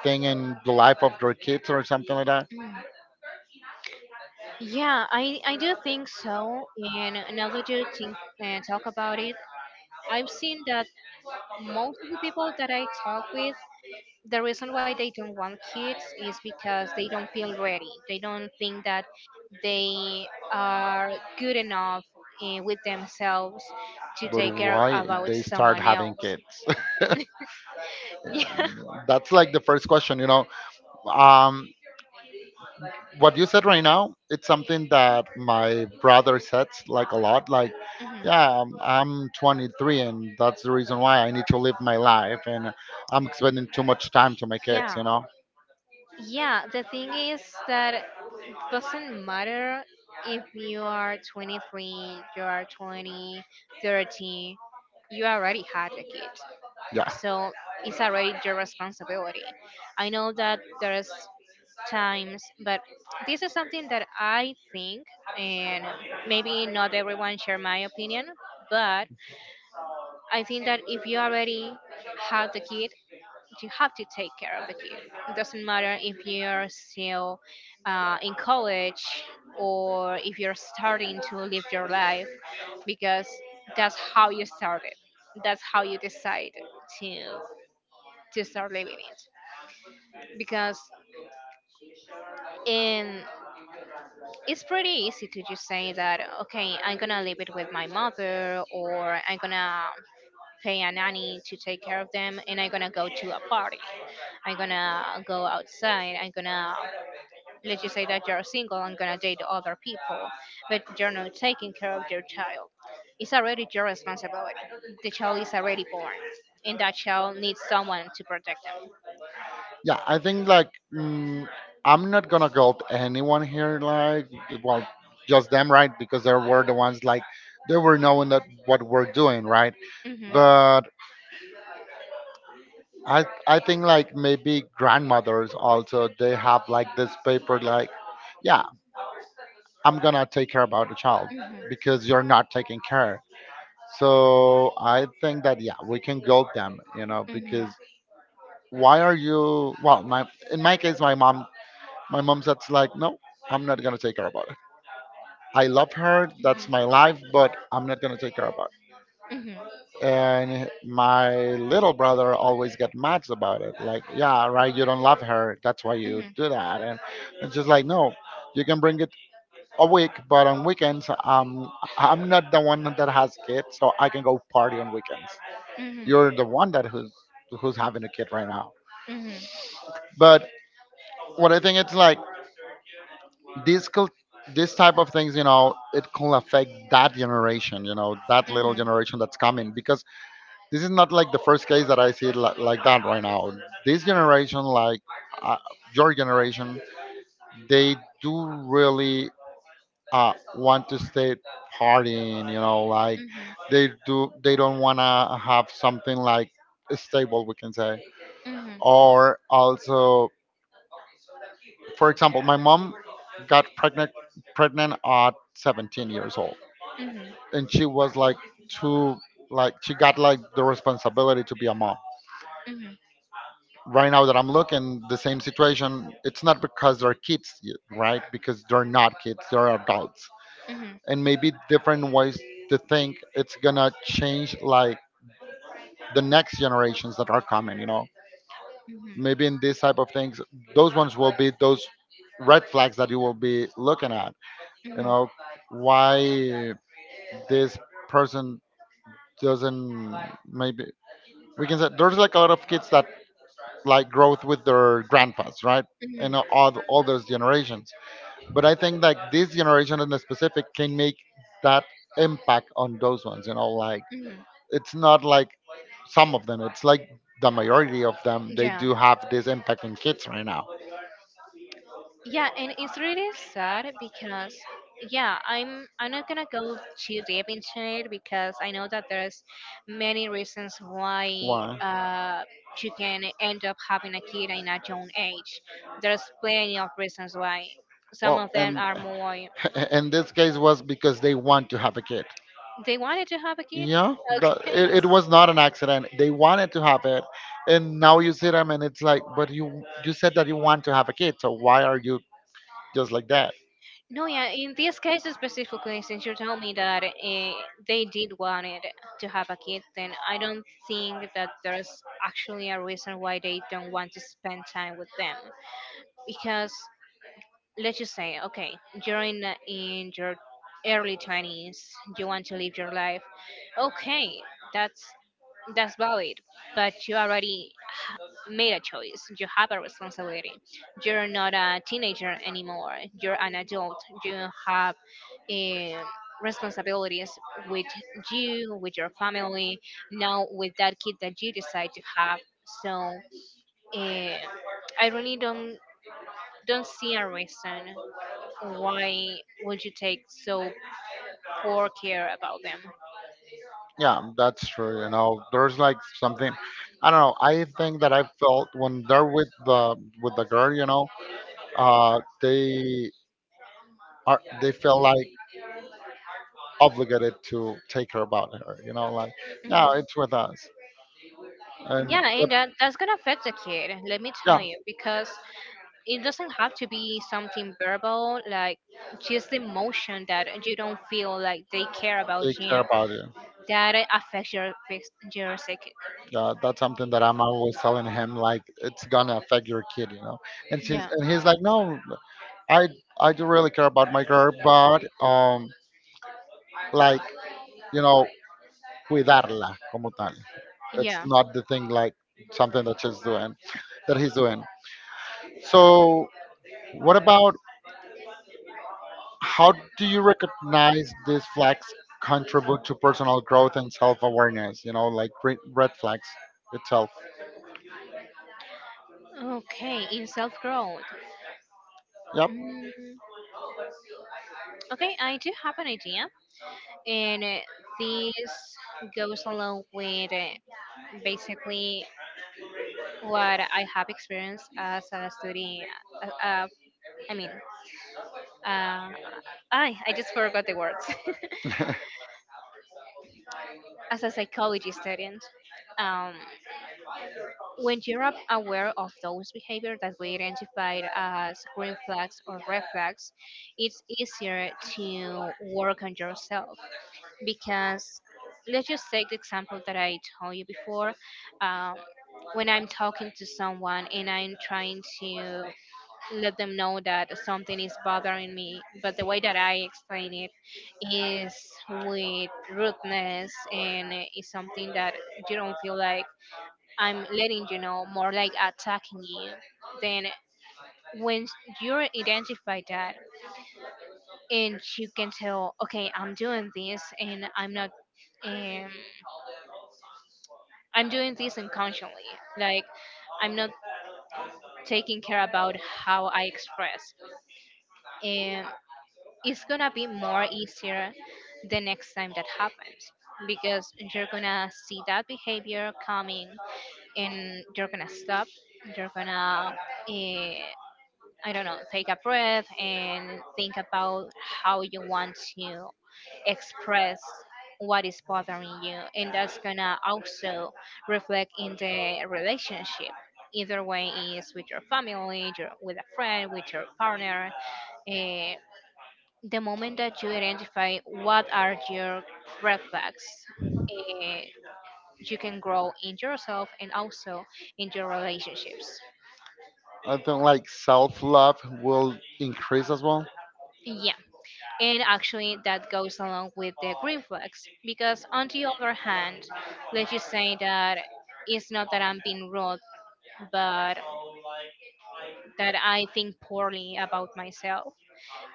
S1: thing in the life of their kids or something like that?
S2: That? Mm. Yeah, I do think so. And now that you think, talk about it, I've seen that most of the people that I talk with, the reason why they don't want kids is because they don't feel ready. They don't think that they are good enough with themselves to
S1: But
S2: take care
S1: why
S2: about
S1: they start
S2: someone
S1: having
S2: else.
S1: kids?
S2: Yeah.
S1: [laughs] That's like the first question, you know. Um, what you said right now it's something that my
S2: Mhm. [laughs]
S1: brother says like a lot, like, yeah, I'm 23, and that's the reason why I need to live my life and I'm spending too much time to my kids,
S2: Yeah.
S1: you know.
S2: Yeah, the thing is that it doesn't matter if you are 23, you are 20, 30, you already had a kid.
S1: Yeah,
S2: So it's already your responsibility. I know that there's times, but this is something that I think, and maybe not everyone share my opinion, but I think that if you already have the kid, you have to take care of the kid. It doesn't matter if you're still in college or if you're starting to live your life, because that's how you started. That's how you decide to to start living it because in it's pretty easy to just say that, okay, I'm gonna live it with my mother, or I'm gonna pay a nanny to take care of them, and I'm gonna go to a party, I'm gonna go outside, I'm gonna, let's just say that you're single, I'm gonna date other people. But you're not taking care of your child. It's already your responsibility. The child is already born, and that child needs someone to protect
S1: yeah, I think like I'm not gonna guilt anyone here, like, well, just them, right? Because they were the ones, like, they were knowing that what we're doing, right?
S2: them.
S1: But. I think like maybe grandmothers also they have like this paper like, yeah, I'm gonna
S2: Hmm.
S1: take care about the child
S2: Hmm.
S1: because you're not taking care. So I think that, yeah, we can guilt them, you know,
S2: Mhm.
S1: because why are you? Well, my in my case, my mom said like, no, I'm not gonna take care about it. I love her, that's my life, but I'm not gonna take care about it.
S2: Mhm.
S1: And my little brother always get mad about it, like, yeah, right, you don't love her, that's why
S2: Mhm. Mhm. Mhm.
S1: you do
S2: Mhm.
S1: that. And it's just like, no, you can bring it a week but on weekends, I'm not the one that has kids, so I can go party on weekends.
S2: Mhm.
S1: You're
S2: Mhm.
S1: the one that, who's having a kid right now.
S2: Mhm. Mhm. Mhm.
S1: But what I think it's like, these cul- this type of things, you know, it can affect that generation, you know, that little
S2: Mhm.
S1: generation that's coming. Because this is not like the first case that I see it like, that right now. This generation, like, uh, your generation, they do really want to stay partying. You know, like they do. They don't wanna have something like stable, we can say. Or also, for example, my mom got pregnant at 17 years old, and she was like too, like she got like the responsibility to be a mom. Right now that I'm looking the same situation, it's not because they're kids, right? Because they're not kids, they're adults. And maybe different ways to think it's gonna change like the next generations that are coming, you know. Maybe in this type of things, those ones will be those red flags that you will be looking at. You
S2: Mhm.
S1: know, why this person doesn't, maybe we can say there's like a lot of kids that like growth with their grandpas, right? And all those generations. But I think like this generation in the specific can make that impact on those ones. You know, like
S2: Mhm. Mhm.
S1: it's not like some of them. It's like the majority of them. They
S2: Yeah.
S1: do have this impact in kids right now.
S2: Yeah, and it's really sad because, yeah, I'm not gonna go too deep into it because I know that there's many reasons why
S1: Why?
S2: you can end up having a kid in a young age. There's plenty of reasons why. Some of
S1: Well,
S2: them
S1: and
S2: are more,
S1: [laughs] in this case was because they want to have a kid.
S2: they wanted to have a kid.
S1: Yeah,
S2: [laughs] Okay.
S1: it was not an accident. They wanted to have it, and now you see them, and it's like, but you said that you want to have a kid, so why are you just like that.
S2: No, yeah, in this case specifically, since you told me that they did want it to have a kid, then I don't think that there's actually a reason why they don't want to spend time with them. Because let's just say, okay, you're in your early 20s, you want to live your life. Okay, that's that's valid, but you already made a choice. You have a responsibility. You're not a teenager anymore. You're an adult. You have um, responsibilities with you, with your family, now with that kid that you decide to have. So, uh, I really don't see a reason why would you take so poor care about them.
S1: Yeah, that's true. You know, there's like something. I don't know. I think that I felt when they're with the girl. You know, uh, they they feel like obligated to take care about her. You know, like, yeah,
S2: Mhm.
S1: it's with us, and
S2: Yeah,
S1: but,
S2: and that's gonna affect the kid, let me
S1: yeah,
S2: tell you, because it doesn't have to be something verbal, like just the emotion that you don't feel like they care about
S1: they care
S2: you,
S1: about you.
S2: that affects your your psychic.
S1: Yeah, that's something that I'm always telling him, like it's gonna affect your kid. You know, and she's
S2: Yeah.
S1: and he's like, no, I I do really care about my girl, but like, you know, cuidarla como tal. It's
S2: Yeah.
S1: not the thing like something that she's doing, that he's doing. So, what about how do you recognize these flags contribute to personal growth and self awareness? You know, like red flags itself.
S2: Okay, in self-growth.
S1: Yep.
S2: mm, okay, I do have an idea, and this goes along with basically what I have experienced as a student. Uh, uh, I mean, uh, I just forgot the words. [laughs]
S1: [laughs]
S2: As a psychology student, um, when you're aware of those behaviors that we identified as green flags or red flags, it's easier to work on yourself. Because let's just take the example that I told you before. Um, when I'm talking to someone and I'm trying to let them know that something is bothering me, but the way that I explain it is with rudeness and is something that you don't feel like I'm letting you know, more like attacking you. Then when you identify that and you can tell, okay, I'm doing this and I'm not. Um, I'm doing this unconsciously. Like, I'm not taking care about how I express. And it's gonna be more easier the next time that happens because you're gonna see that behavior coming, and you're gonna stop. You're gonna, uh, I don't know, take a breath and think about how you want to express what is bothering you. And that's gonna also reflect in the relationship. Either way is with your family, your, with a friend, with your partner. Eh, the moment that you identify what are your red flags, eh, you can grow in yourself and also in your relationships.
S1: I think like self love will increase as well.
S2: Yeah. And actually, that goes along with the green flags because, on the other hand, let's just say that it's not that I'm being rude, but that I think poorly about myself.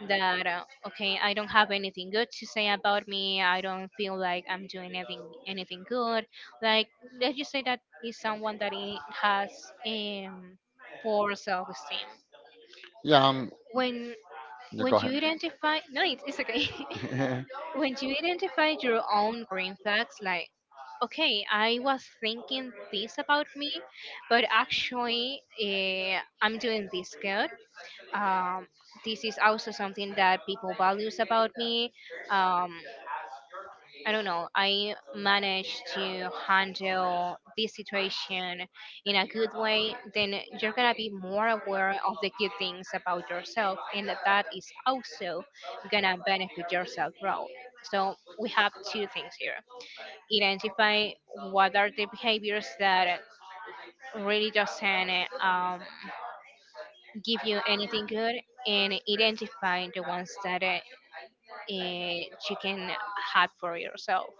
S2: That, okay, I don't have anything good to say about me. I don't feel like I'm doing anything good. Like, let's just say that is someone that has um, poor self-esteem.
S1: Yeah,
S2: When
S1: yeah,
S2: when
S1: go ahead.
S2: you identify, no, it's okay. [laughs] When you identify your own green flags, like, okay, I was thinking this about me, but actually, I'm doing this good. um, this is also something that people values about me. um, I don't know, I manage to handle this situation in a good way, then you're gonna be more aware of the good things about yourself, and that is also gonna benefit your self growth. So we have two things here: identify what are the behaviors that really doesn't give you anything good, and identify the ones that you can have for yourself.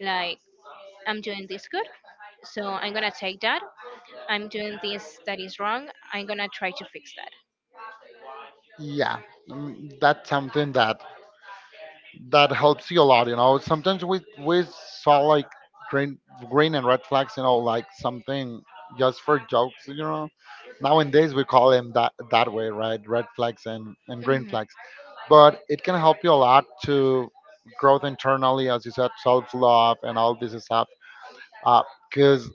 S2: Like, I'm doing this good, so I'm gonna take that. I'm doing this that is wrong, I'm gonna try to fix that.
S1: [laughs] Yeah, that's something that helps you a lot. You know, sometimes we saw like green green and red flags. You know, like something just for jokes. You know, nowadays we call them that, that way, right? Red flags and green
S2: Mhm,
S1: flags. But it can help you a lot to growth internally, as you said, self love and all this stuff. Because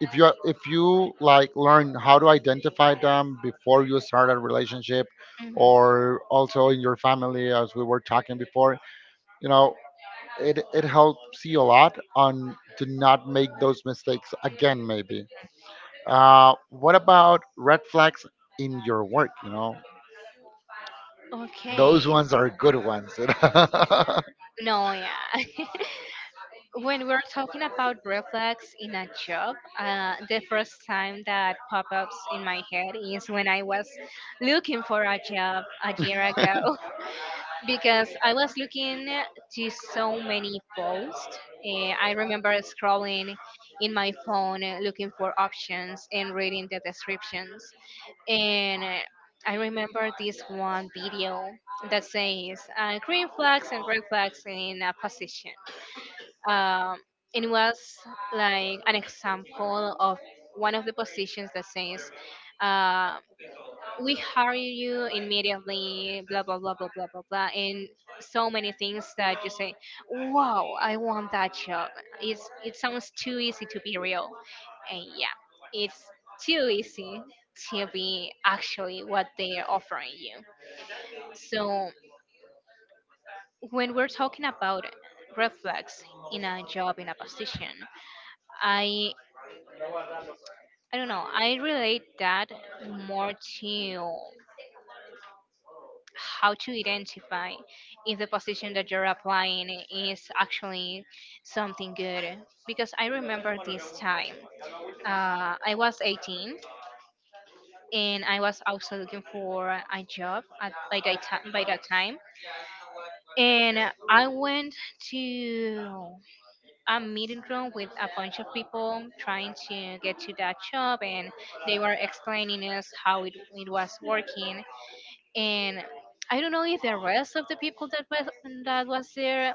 S1: if you like learn how to identify them before you start a relationship,
S2: mhm.
S1: or also in your family, as we were talking before, you know, it helps you a lot on to not make those mistakes again maybe. What about red flags in your work, you know? Those
S2: Okay.
S1: ones are good ones.
S2: No, yeah. [laughs] When we're talking about reflex in a job, the first time that pop ups in my head is when I was looking for a job a year ago. Because I was looking to so many posts. I remember scrolling in my phone, looking for options and reading the descriptions. And, I remember this one video that says green flags and red flags in a position. Um, and it was like an example of one of the positions that says, uh, we hire you immediately, blah, blah, blah, blah, blah, blah, blah. And so many things that you say, wow, I want that job. It's, it sounds too easy to be real. And yeah, it's too easy to be actually what they are offering you. So when we're talking about reflex in a job, in a position, I, I don't know, I relate that more to how to identify if the position that you're applying is actually something good. Because I remember this time, I was 18 and I was also looking for a job at, by, that time, and I went to a meeting room with a bunch of people trying to get to that job, and they were explaining us how it was working. And I don't know if the rest of the people that was there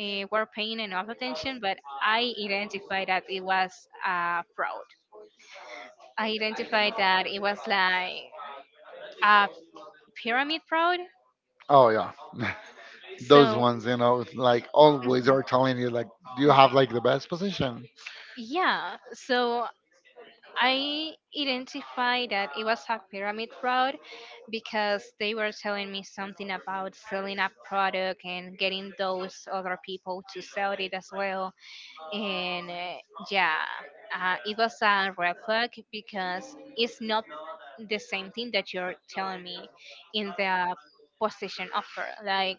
S2: were paying enough attention, but I identified that it was a fraud. I identified that it was like a pyramid fraud.
S1: [laughs] Oh yeah. [laughs] Those
S2: So,
S1: ones, you know, like always
S2: mhm,
S1: are telling you like you
S2: okay,
S1: have like the best position.
S2: yeah. So I identified that it was a pyramid fraud because they were telling me something about selling a product and getting those other people to sell it as well. And, yeah it was a red flag because it's not the same thing that you're telling me in the position offer. Like,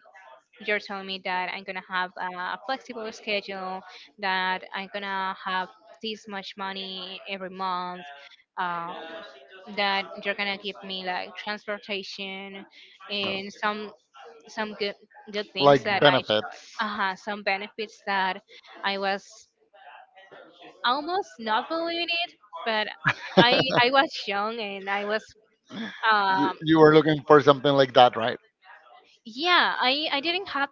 S2: you're telling me that I'm gonna have a flexible schedule, that I'm gonna have this much money every month, um, that you're gonna give me like transportation
S1: No.
S2: and some some good things that
S1: Like
S2: I
S1: benefits.
S2: should, some benefits, that I was almost not believe it, but I was
S1: [laughs]
S2: young and I was
S1: you,
S2: um
S1: you were looking for something like that, right?
S2: yeah, I didn't have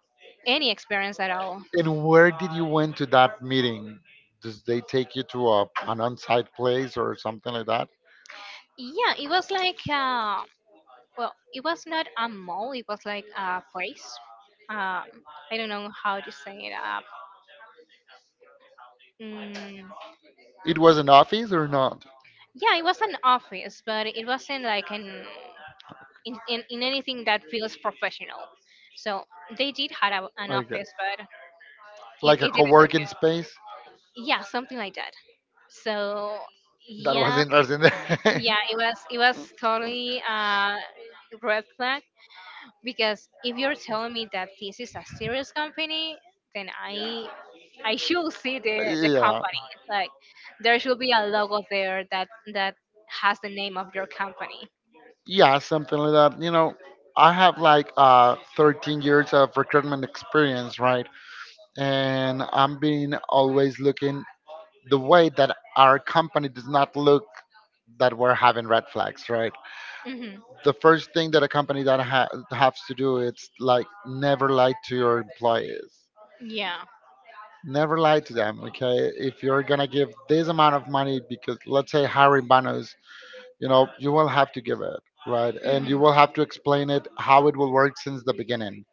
S2: any experience at all.
S1: And where did you went to that meeting? Does they take you to an on-site place or something like that?
S2: Yeah, it was like, well, it was not a mall. It was like a place. Um, I don't know how to say it up. Mm,
S1: It was an office or not?
S2: yeah, it was an office, but it wasn't like an in anything that feels professional. So they did have a, an
S1: Okay,
S2: office, but it,
S1: like a
S2: it didn't look
S1: co-working space.
S2: good. Yeah, something like that. So
S1: That was
S2: yeah,
S1: interesting. [laughs]
S2: yeah, it was totally red flag because if you're telling me that this is a serious company, then I should see the
S1: Yeah,
S2: company. Like, there should be a logo there that that has the name of your company.
S1: yeah, something like that. You know, I have like 13 years of recruitment experience, right? And I'm being always looking the way that our company does not look that we're having red flags, right?
S2: Hmm.
S1: The first thing that a company that has to do it's like never lie to your employees.
S2: Yeah.
S1: Never lie to them, okay? If you're gonna give this amount of money because let's say hiring bonus, you know, you will have to give it, right? And you will have to explain it how it will work since the beginning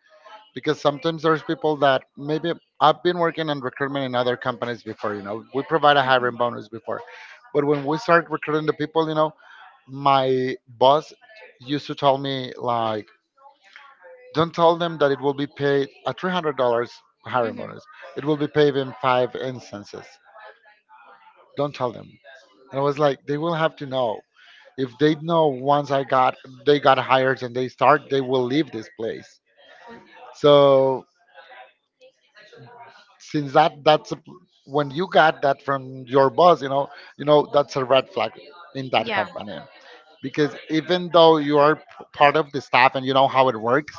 S1: because sometimes there's people that maybe I've been working in recruitment in other companies before, you know, we provide a hiring bonus before. But when we start recruiting the people, you know, my boss used to tell me like, don't tell them that it will be paid a $300 hiring bonus. It will be paid in five instances. Don't tell them. And I was like, they will have to know. If they know once I got they got hired and they start, they will leave this place. So since that, when you got that from your boss, you know that's a red flag in that company, because even though you are part of the staff and you know how it works,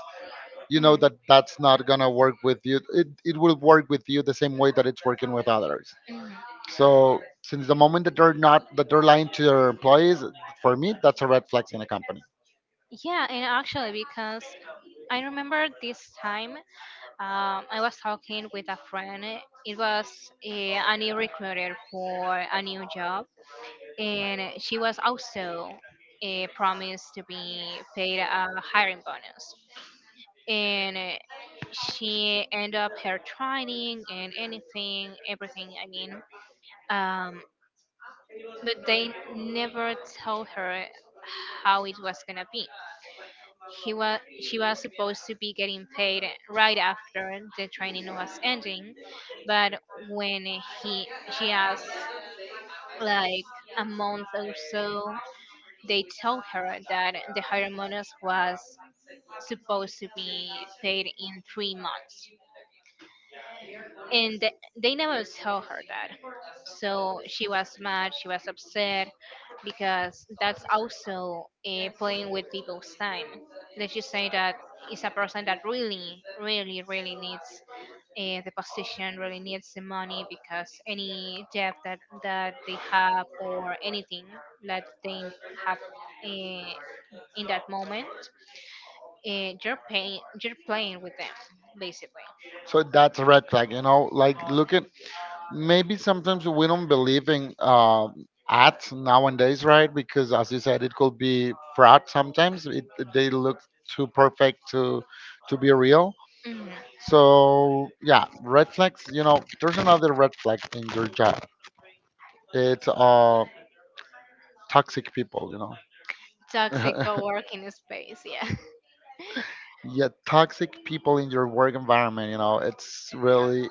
S1: you know that that's not gonna work with you. It will work with you the same way that it's working with others.
S2: Mhm.
S1: So since the moment that they're not that they're lying to their employees, for me that's a red flag in a company.
S2: Yeah, and actually, because I remember this time, I was talking with a friend. It was a new recruiter for a new job, and she was also, promised to be paid a hiring bonus. And, she ended up her training and anything, everything. I mean, um, but they never told her how it was gonna be. He was she was supposed to be getting paid right after the training was ending, but when he she asked, like, a month or so, they told her that the higher bonus was supposed to be paid in 3 months. And they never saw her dad. So she was mad, she was upset, because that's also, playing with people's time. Let's just say that is a person that really really really needs the position, really needs the money because any debt that they have or anything that they have, uh, in that moment, you're playing with them, basically.
S1: So that's a red flag, you know, like looking, maybe sometimes we don't believe in ads nowadays, right? Because as you said, it could be fraud sometimes. They look too perfect to be real.
S2: Mhm.
S1: So yeah, red flags. You know, there's another red flag in your job. It's toxic people. You
S2: Toxic
S1: know,
S2: co-working space, yeah.
S1: [laughs] yeah, toxic people in your work environment. You know, it's really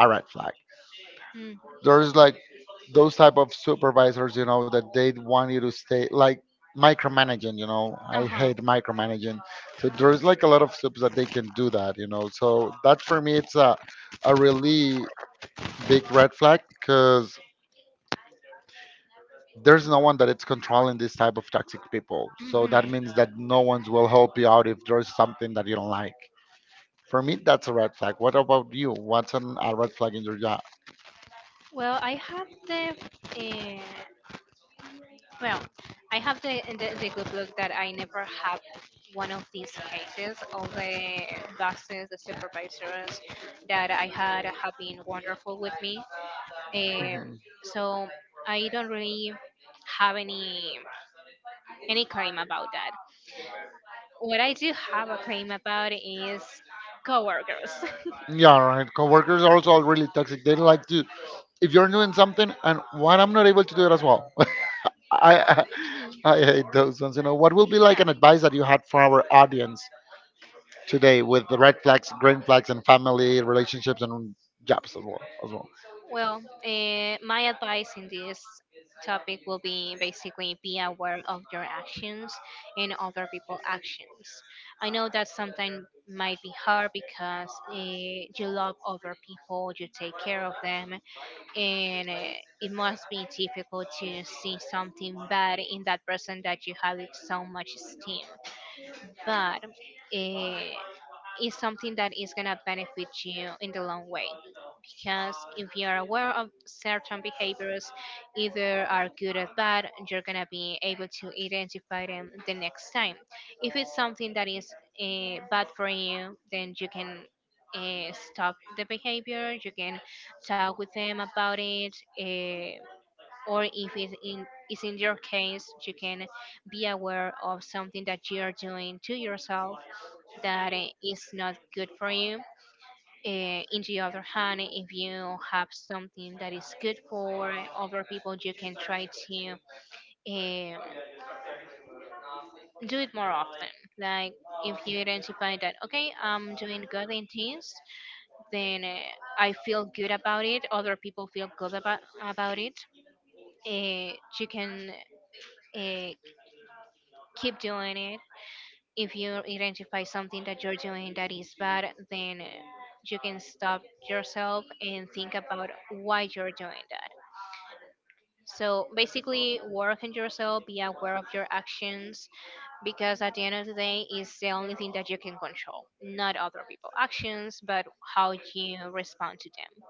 S1: a red flag.
S2: [laughs] mm,
S1: There's like those type of supervisors, you know, that they want you to stay like micromanaging. You know, I
S2: uh-huh.
S1: hate micromanaging. So there's like a lot of subs that they can do that, you know, so that for me it's a really big red flag because there's no one that it's controlling this type of toxic people, so that
S2: Hmm.
S1: means that no one will help you out if there's something that you don't like. For me that's a red flag. What about you? What's a red flag in your job?
S2: Well, I have the, uh, well, I have the, the good luck that I never had one of these cases. All the bosses, the supervisors that I had have been wonderful with me. uh,
S1: Mhm.
S2: so I don't really have any claim about that. What I do have a claim about is coworkers.
S1: Yeah, right. Coworkers are also really toxic. They don't like to. If you're doing something and what I'm not able to do it as well. [laughs] I, I I
S2: [laughs]
S1: hate those ones. You know, what will be like an advice that you had for our audience today with the red flags, green flags, and family relationships and jobs as well. As well.
S2: Well, my advice in this topic will be basically, be aware of your actions and other people's actions. I know that sometimes might be hard because, you love other people, you take care of them, and, it must be difficult to see something bad in that person that you had so much esteem, but it is something that is going to benefit you in the long way. Because if you're aware of certain behaviors, either are good or bad, you're going to be able to identify them the next time. If it's something that is bad for you, then you can stop the behavior, you can talk with them about it. Or if it's is in your case, you can be aware of something that you are doing to yourself that, is not good for you. Eh, in the other hand, if you have something that is good for other people, you can try to, um, do it more often. Like, if you identify that, okay, I'm doing good in this, then, I feel good about it, other people feel good about it, you can, uh, keep doing it. If you identify something that you're doing that is bad, then, you can stop yourself and think about why you're doing that. So basically, work on yourself, be aware of your actions, because at the end of the day, it's the only thing that you can control, not other people's actions, but how you respond to them.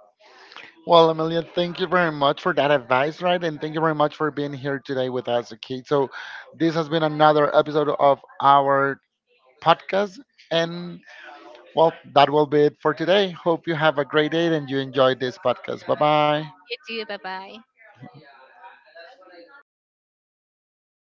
S1: Well, Amelia, thank you very much for that advice, right? And thank you very much for being here today with us. Okay, so this has been another episode of our podcast, and, well, that will be it for today. Hope you have a great day and you enjoyed this podcast. Bye bye.
S2: You too, bye bye.